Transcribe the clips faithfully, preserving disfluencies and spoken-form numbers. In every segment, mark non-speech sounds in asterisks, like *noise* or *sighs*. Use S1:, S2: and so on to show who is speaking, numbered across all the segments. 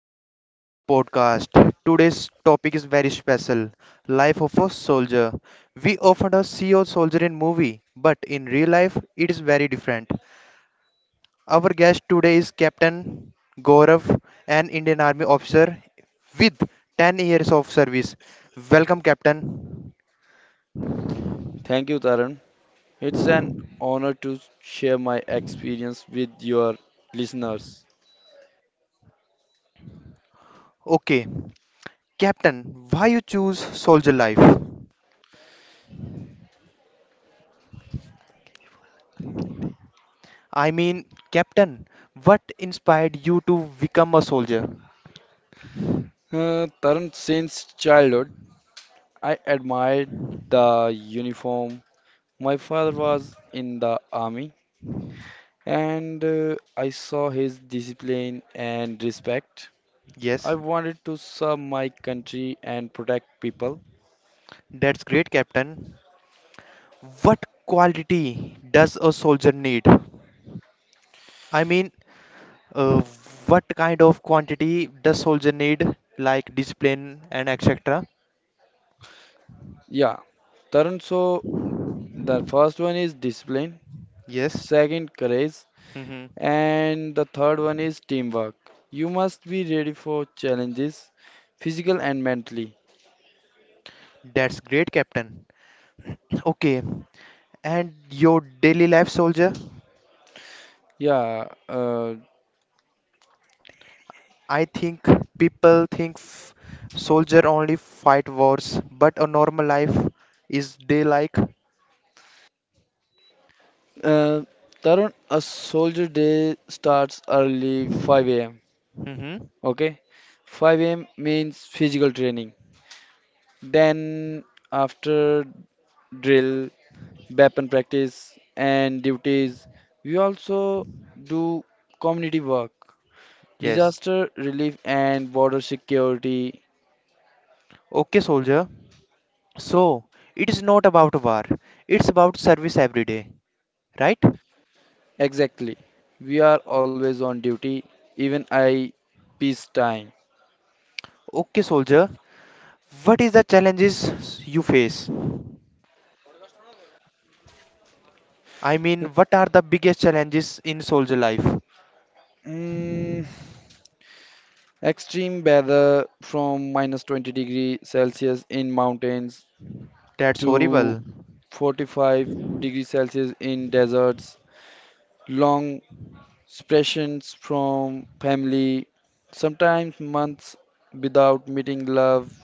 S1: to Real Hero Podcast. Today's topic is very special, life of a soldier. We often see a soldier in movie, but in real life it is very different. Our guest today is Captain Gaurav, an Indian Army officer with ten years of service. Welcome Captain.
S2: Thank you, Taran. It's an honor to share my experience with your listeners.
S1: Okay, Captain, why you choose soldier life? I mean, Captain, what inspired you to become a soldier?
S2: Uh, Taran, since childhood, I admired the uniform. My father was in the army, and uh, I saw his discipline and respect. I
S1: Yes.
S2: wanted to serve my country and protect people.
S1: That's great, Captain. What quality does a soldier need? I mean, uh, what kind of quantity does soldier need, like discipline and et cetera?
S2: Yeah, Tarun, so the first one is discipline.
S1: Yes.
S2: Second, courage.
S1: Hmm.
S2: And the third one is teamwork. You must be ready for challenges, physical and mentally.
S1: That's great, Captain. Okay. And your daily life, soldier?
S2: Yeah, uh,
S1: I think people think f- soldier only fight wars, but a normal life is day like.
S2: uh, Tarun, a soldier day starts early five a m.
S1: Hmm.
S2: Okay, five a m means physical training. Then after drill, weapon practice, and duties, we also do community work,
S1: Yes.
S2: disaster relief, and border security.
S1: Okay, soldier. So, it is not about war, it's about service every day, right?
S2: Exactly. We are always on duty, even I peace time.
S1: Okay, soldier, what is the challenges you face? I mean, what are the biggest challenges in soldier life?
S2: Mm, extreme weather from minus twenty degree Celsius in mountains
S1: That's
S2: to
S1: horrible.
S2: forty-five degree Celsius in deserts. Long separations from family, sometimes months without meeting love,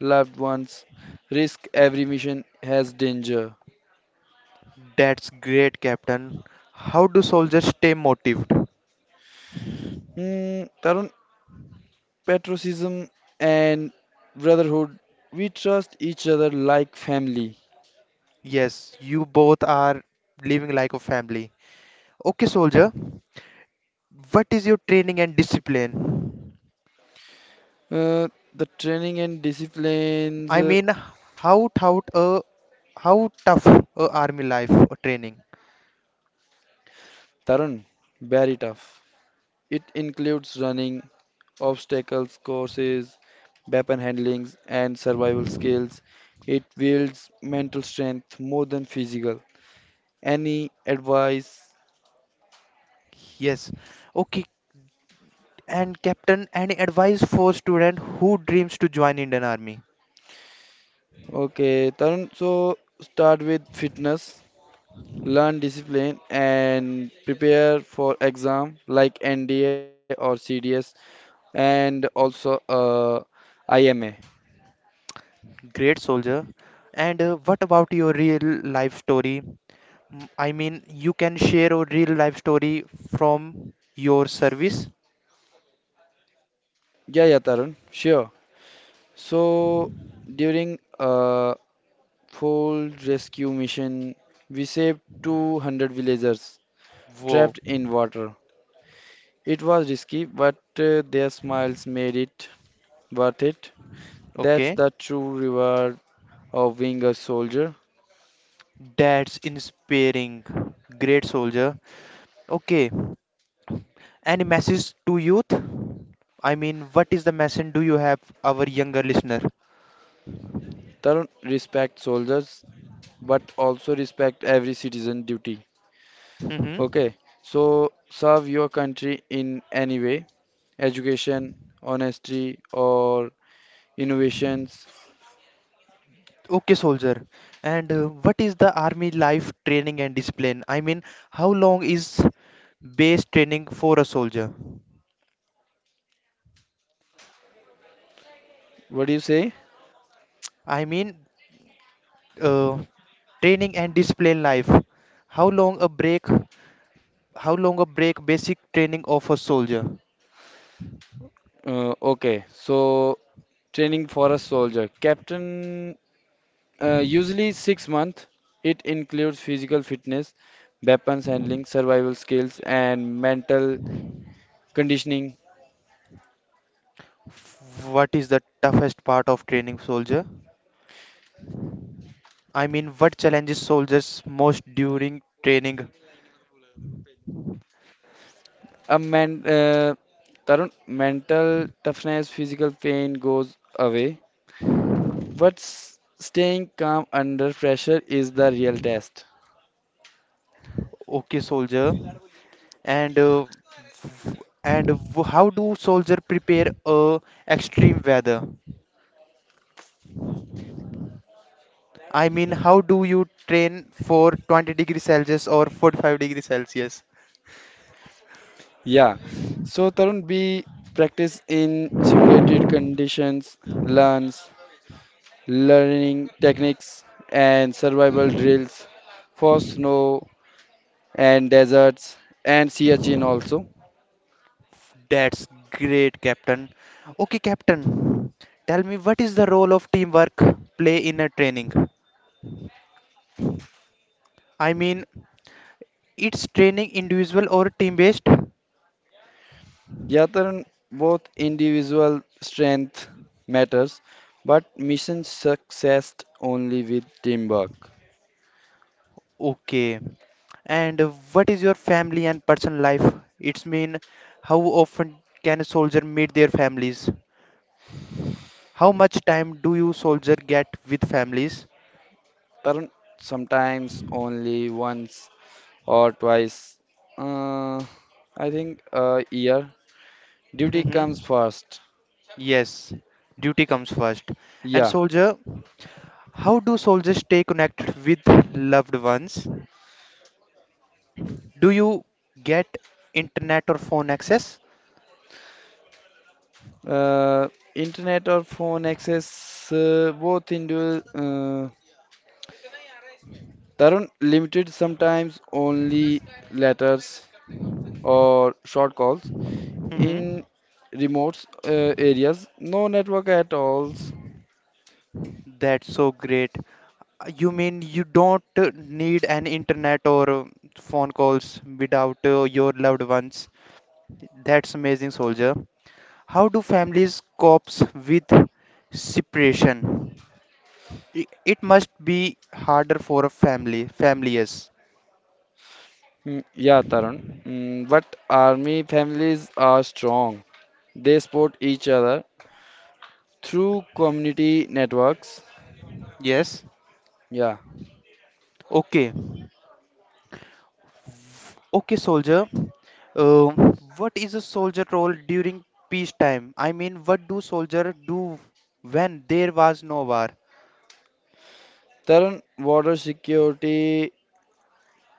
S2: loved ones. Risk every mission has danger.
S1: That's great, Captain. How do soldiers stay motivated?
S2: Hmm, Tarun, patriotism, and brotherhood. We trust each other like family.
S1: Yes, you both are living like a family. Okay, soldier, what is your training and discipline?
S2: Uh, the training and disciplines,
S1: I
S2: uh,
S1: mean, how tout a how tough a army life or training?
S2: Tarun, very tough. It includes running, obstacles courses, weapon handlings, and survival skills. It builds mental strength more than physical. Any advice?
S1: Yes. Okay. And captain, any advice for student who dreams to join Indian Army?
S2: Okay, Tarun, so start with fitness. Learn discipline and prepare for exam like N D A or C D S, and also uh, I M A.
S1: Great soldier. And uh, what about your real life story? Mm, I mean, you can share a real life story from your service.
S2: Yeah, yeah, Tarun, sure. So during a full rescue mission, we saved two hundred villagers
S1: Whoa.
S2: trapped in water. It was risky, but uh, their smiles made it worth it. That's
S1: Okay.
S2: the true reward of being a soldier.
S1: That's inspiring. Great soldier. Okay. Any message to youth? I mean, what is the message do you have our younger listener?
S2: Tarun, respect soldiers, but also respect every citizen duty.
S1: Mm-hmm.
S2: Okay, so serve your country in any way: education, honesty, or innovations.
S1: Okay, soldier. And uh, what is the army life training and discipline? I mean, how long is base training for a soldier?
S2: What do you say?
S1: I mean, uh, training and discipline life. How long a break? How long a break? Basic training of a soldier.
S2: Uh, okay, so training for a soldier. Captain, uh, usually six months. It includes physical fitness, weapons handling, survival skills, and mental conditioning.
S1: What is the toughest part of training soldier? I mean, what challenges soldiers most during training?
S2: A man, uh, Tarun, mental toughness, physical pain goes away. But s- staying calm under pressure is the real test.
S1: Okay, soldier. And uh, w- and w- how do soldier prepare uh, extreme weather? I mean, how do you train for twenty degree Celsius or forty-five degree Celsius?
S2: Yeah. So, Tarun, be practice in simulated conditions, learns, learning techniques, and survival drills for snow and deserts and sea urchin also.
S1: That's great, Captain. Okay, Captain, tell me what is the role of teamwork play in a training? I mean, it's training individual or team based?
S2: Yeah, Tarun, both individual strength matters, but mission success only with teamwork.
S1: Okay. And uh, what is your family and personal life? It's mean how often can a soldier meet their families? How much time do you soldier get with families?
S2: Tarun, sometimes only once or twice. Uh, I think a year. Duty comes
S1: Hmm.
S2: first.
S1: Yes, duty comes first. And
S2: Yeah.
S1: soldier, how do soldiers stay connected with loved ones? Do you get internet or phone access?
S2: Uh, internet or phone access, uh, both into, uh, Tarun, limited. Sometimes only letters or short calls
S1: Hmm.
S2: in remote uh, areas, no network at all.
S1: That's so great. Uh, You mean you don't uh, need an internet or uh, phone calls without uh, your loved ones? That's amazing, soldier. How do families cope with separation? I- It must be harder for a family. Family, yes.
S2: Mm, yeah, Tarun, mm, but army families are strong, they support each other through community networks,
S1: Yes.
S2: yeah.
S1: Okay. Okay, soldier. Um, what is a soldier role during peacetime? I mean, what do soldier do when there was no war?
S2: Tarun, water security,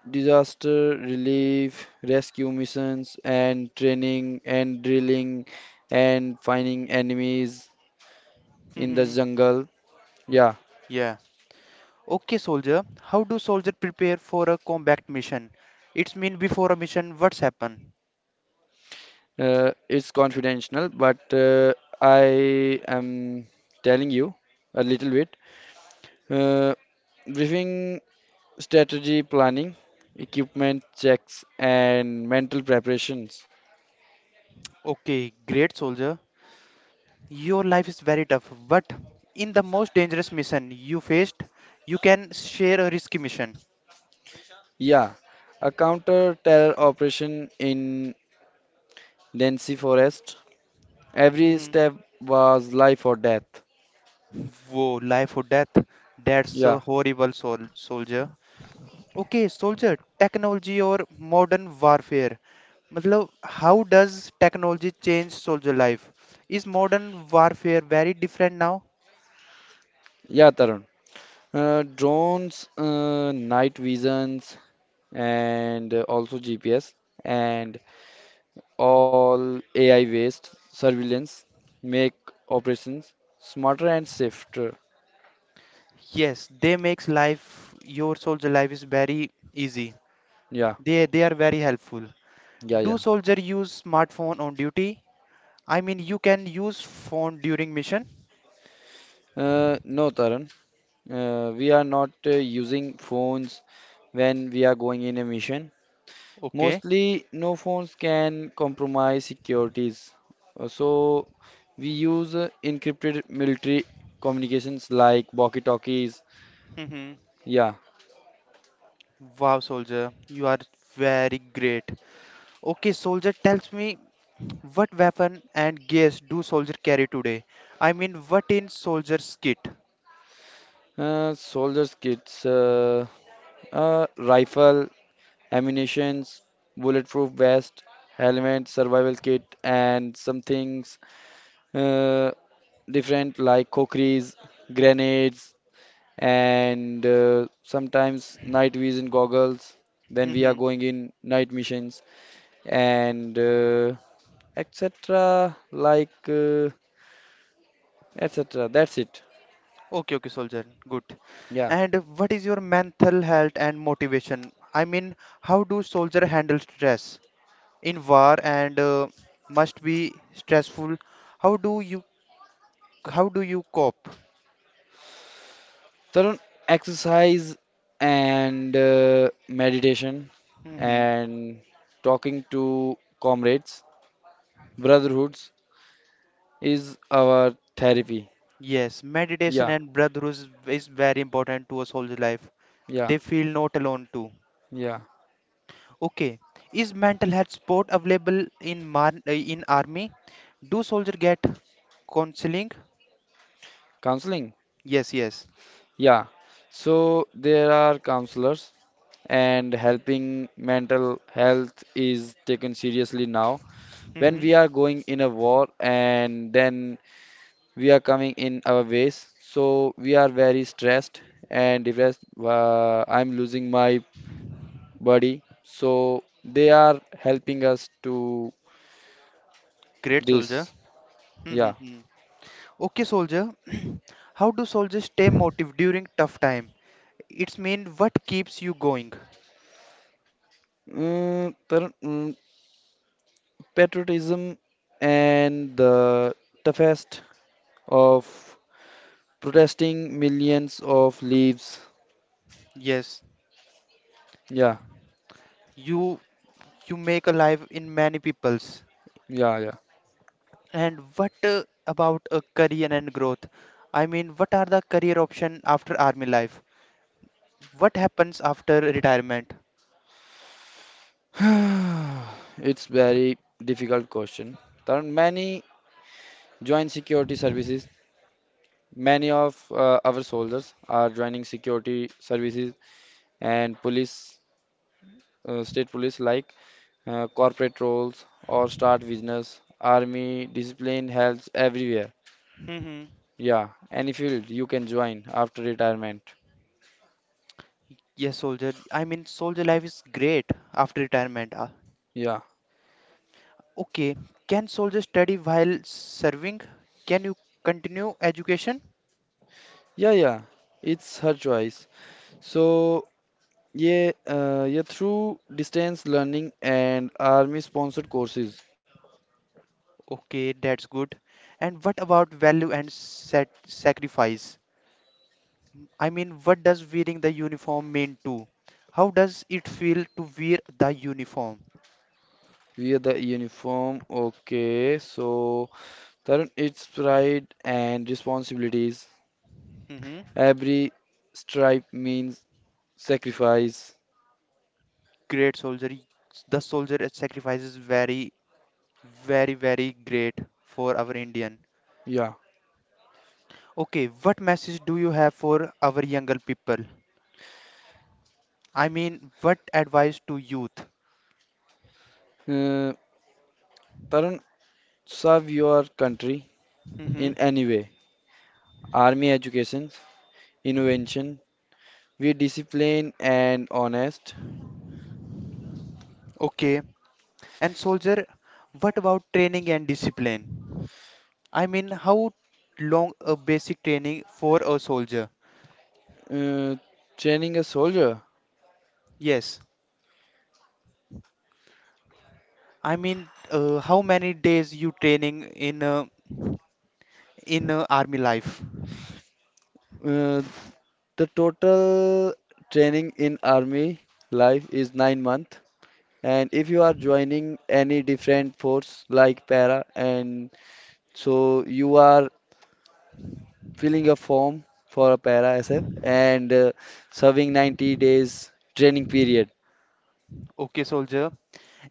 S2: disaster relief, rescue missions, and training and drilling, and finding enemies in the
S1: Hmm.
S2: jungle. Yeah,
S1: Yeah. Okay, soldier. How do soldier prepare for a combat mission? It's mean before a mission, what's happen?
S2: uh, it's confidential, but uh, I am telling you a little bit. Uh, briefing, strategy planning, equipment checks, and mental preparations.
S1: Okay, great soldier. Your life is very tough, but in the most dangerous mission you faced, you can share a risky mission.
S2: Yeah, a counter terror operation in Densi Forest. Every
S1: Mhm.
S2: step was life or death.
S1: Whoa, life or death. That's
S2: Yeah,
S1: a horrible sol soldier. Okay, soldier, technology or modern warfare. मतलब how does technology change soldier life? Is modern warfare very different now?
S2: yeah, Tarun. Uh, drones, uh, night visions, and uh, also G P S, and all A I based surveillance make operations smarter and safer.
S1: Yes, they makes life your soldier life is very easy.
S2: Yeah,
S1: They they are very helpful.
S2: yeah,
S1: Do
S2: yeah.
S1: soldier use smartphone on duty? I mean, you can use phone during mission.
S2: Uh, no, Tarun, uh, we are not uh, using phones when we are going in a mission.
S1: Okay.
S2: Mostly, no phones can compromise securities. Uh, So we use uh, encrypted military communications like walkie-talkies,
S1: Hmm.
S2: yeah.
S1: Wow, soldier, you are very great. Okay, soldier tells me what weapon and gears do soldier carry today? I mean, what in soldier's kit?
S2: Uh, soldiers' kits, uh, uh, rifle, ammunitions, bulletproof vest, helmet, survival kit, and some things uh, different, like cockries, grenades, and uh, sometimes night vision goggles when we are
S1: Hmm.
S2: going in night missions, and uh, et cetera. Like uh, et cetera. That's it.
S1: Okay, okay, soldier. Good.
S2: Yeah.
S1: And what is your mental health and motivation? I mean, how do soldier handle stress in war and uh, must be stressful? How do you how do you cope?
S2: Tarun, exercise and uh, meditation
S1: Hmm.
S2: and talking to comrades, brotherhoods is our therapy.
S1: Yes, meditation
S2: Yeah,
S1: and brotherhood is very important to a soldier life.
S2: yeah,
S1: They feel not alone too.
S2: yeah.
S1: Okay, is mental health support available in mar uh, in army? Do soldier get counseling?
S2: Counseling?
S1: Yes, yes.
S2: Yeah. So there are counselors, and helping mental health is taken seriously now. When
S1: Mm-hmm.
S2: we are going in a war and then we are coming in our ways, so we are very stressed and depressed. Uh, I'm losing my body. So they are helping us to
S1: Great soldier.
S2: this. Yeah.
S1: Mm-hmm. Okay, soldier. *clears throat* How do soldiers stay motivated during tough time? It's mean what keeps you going?
S2: Mm, tar- mm, patriotism and the toughest of protesting millions of leaves.
S1: Yes,
S2: Yeah,
S1: you you make a life in many people's.
S2: yeah, yeah.
S1: And what uh, about a career and growth? I mean, what are the career option after army life? What happens after retirement?
S2: *sighs* It's very difficult question. There are many join security services. Many of uh, our soldiers are joining security services and police, uh, state police, like uh, corporate roles, or start business. Army discipline helps everywhere.
S1: Mm-hmm.
S2: Yeah, any field you can join after retirement.
S1: Yes, soldier. I mean, soldier life is great after retirement. Uh,
S2: Yeah,
S1: okay. Can soldier study while serving? Can you continue education?
S2: yeah, yeah. It's her choice. So, yeah, uh, yeah, through distance learning and army-sponsored courses.
S1: Okay, that's good. And what about value and sac sacrifice? I mean, what does wearing the uniform mean to? How does it feel to wear the uniform?
S2: Via the uniform. Okay, so Tarun, it's pride and responsibilities.
S1: Hmm.
S2: Every stripe means sacrifice.
S1: Great soldier. The soldier sacrifice is very, very, very great for our Indian.
S2: Yeah.
S1: Okay, what message do you have for our younger people? I mean, what advice to youth?
S2: Uh, Tarun, serve your country
S1: Hmm.
S2: in any way. Army, education, invention, we discipline and honest.
S1: Okay, and soldier, what about training and discipline? I mean, how long a basic training for a soldier?
S2: Uh, training a soldier.
S1: Yes, I mean, uh, how many days you training in uh, in uh, army life?
S2: Uh, the total training in army life is nine month. And if you are joining any different force like para, and so you are filling a form for a para S F and uh, serving ninety days training period.
S1: Okay, soldier.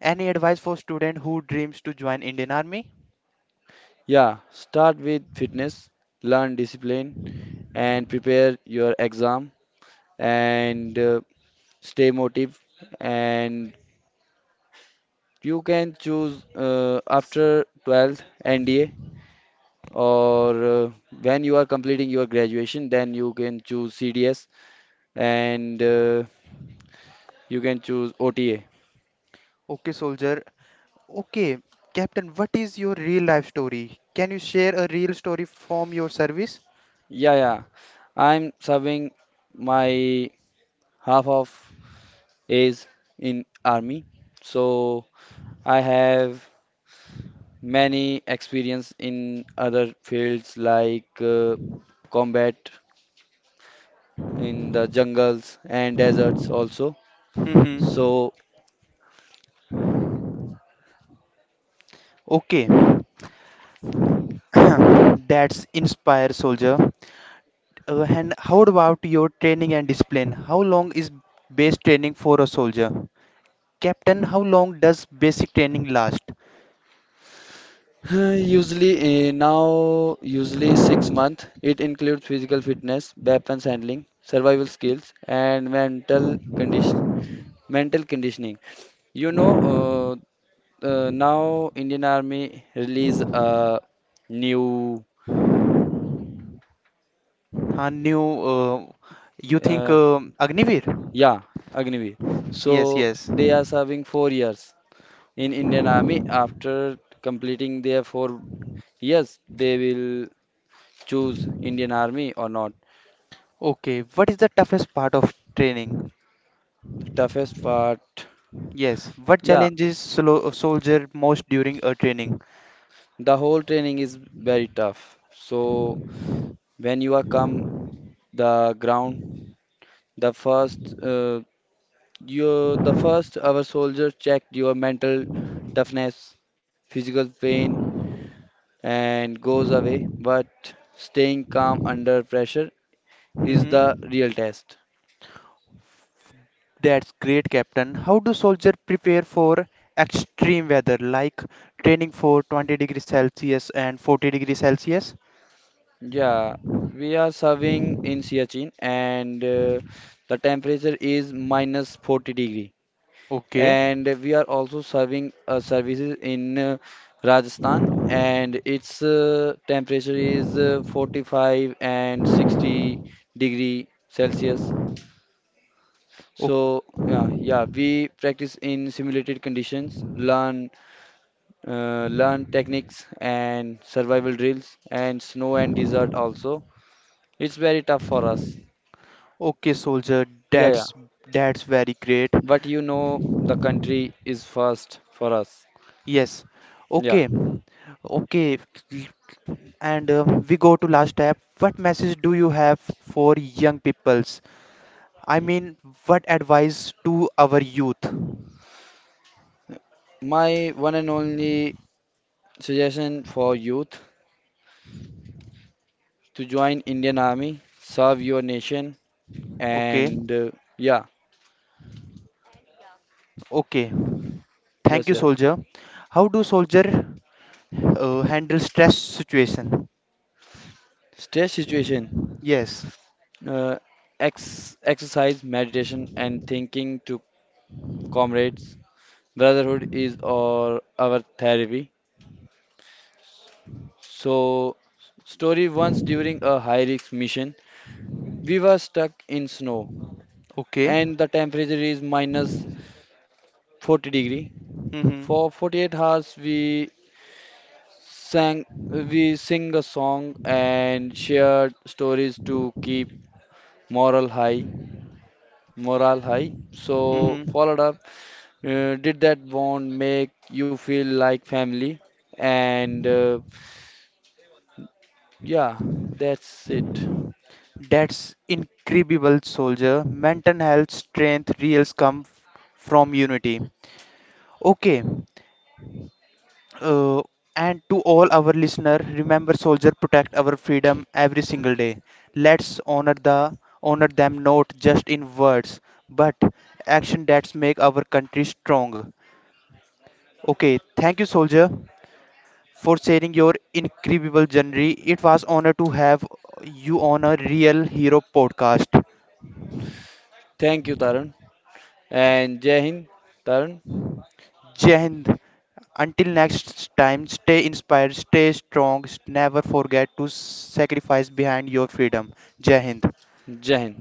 S1: Any advice for student who dreams to join Indian Army?
S2: Yeah, start with fitness, learn discipline, and prepare your exam and uh, stay motive. And you can choose, uh, after twelfth N D A, or uh, when you are completing your graduation, then you can choose C D S, and uh, you can choose O T A.
S1: Okay, soldier. Okay, Captain, what is your real life story? Can you share a real story from your service?
S2: Yeah, yeah, I'm serving my half of is in army. So I have many experience in other fields like uh, combat in the jungles and deserts also.
S1: Mm-hmm.
S2: So
S1: Okay. *coughs* *clears throat* That's inspire soldier. Uh, and how about your training and discipline? How long is base training for a soldier? Captain, how long does basic training last?
S2: *sighs* usually, uh, now usually six month. It includes physical fitness, weapons handling, survival skills, and mental condition mental conditioning. You know uh, uh, now Indian Army release a new.
S1: Uh, new, uh, you think
S2: Uh,
S1: um Agniveer?
S2: yeah, Agnivi.
S1: Yes,
S2: So
S1: yes.
S2: they are serving four years in Indian Army. After completing their four years, they will choose Indian Army or not.
S1: Okay. What is the toughest part of training?
S2: Toughest part,
S1: Yes. What
S2: yeah,
S1: challenges solo- a soldier most during a training?
S2: the whole training is very tough. So when you are come the ground, the first uh, you the first our soldier checked your mental toughness, physical pain, and goes away, but staying calm under pressure is the
S1: Mhm.
S2: real test.
S1: That's great, Captain. How do soldiers prepare for extreme weather, like training for twenty degrees Celsius and forty degrees Celsius?
S2: Yeah, we are serving in Siachen, and uh, the temperature is minus forty degree.
S1: Okay.
S2: And we are also serving uh, services in, uh, Rajasthan, and its uh, temperature is, uh, forty-five and sixty degree Celsius. So,
S1: O-
S2: yeah, yeah, we practice in simulated conditions, learn uh, learn techniques and survival drills, and snow and desert also. It's very tough for us.
S1: Okay, soldier.
S2: Yeah, yeah.
S1: That's that's very great.
S2: But you know, the country is first for us.
S1: Yes.
S2: Yeah.
S1: Okay. Okay. And uh, we go to last step. What message do you have for young peoples? I mean, what advice to our youth?
S2: My one and only suggestion for youth, to join Indian Army, serve your nation,
S1: Okay,
S2: and uh, yeah,
S1: okay. Thank
S2: yes,
S1: you,
S2: yes.
S1: soldier. How do soldier uh, handle stress situation?
S2: Stress situation,
S1: Yes.
S2: uh, ex exercise, meditation, and thinking to comrades. Brotherhood is our our therapy. So, story, once during a high risk mission, we were stuck in snow
S1: Okay.
S2: and the temperature is minus forty degree.
S1: Mm-hmm.
S2: For forty-eight hours we sang we sing a song and shared stories to keep moral high, morale high. So,
S1: Mm-hmm.
S2: followed up, uh, did that bond make you feel like family? And uh, yeah, that's it.
S1: That's incredible, soldier. Mental health strength reels come f- from unity. Okay. Uh, and to all our listener, remember soldier protect our freedom every single day. Let's honor the honor them not just in words, but action that make our country strong. Okay, thank you soldier for sharing your incredible journey. It was honor to have you on a real hero podcast.
S2: Thank you, Tarun. And Jai Hind, Tarun.
S1: Jai Hind. Until next time, stay inspired, stay strong, never forget to sacrifice behind your freedom. Jai Hind.
S2: جهل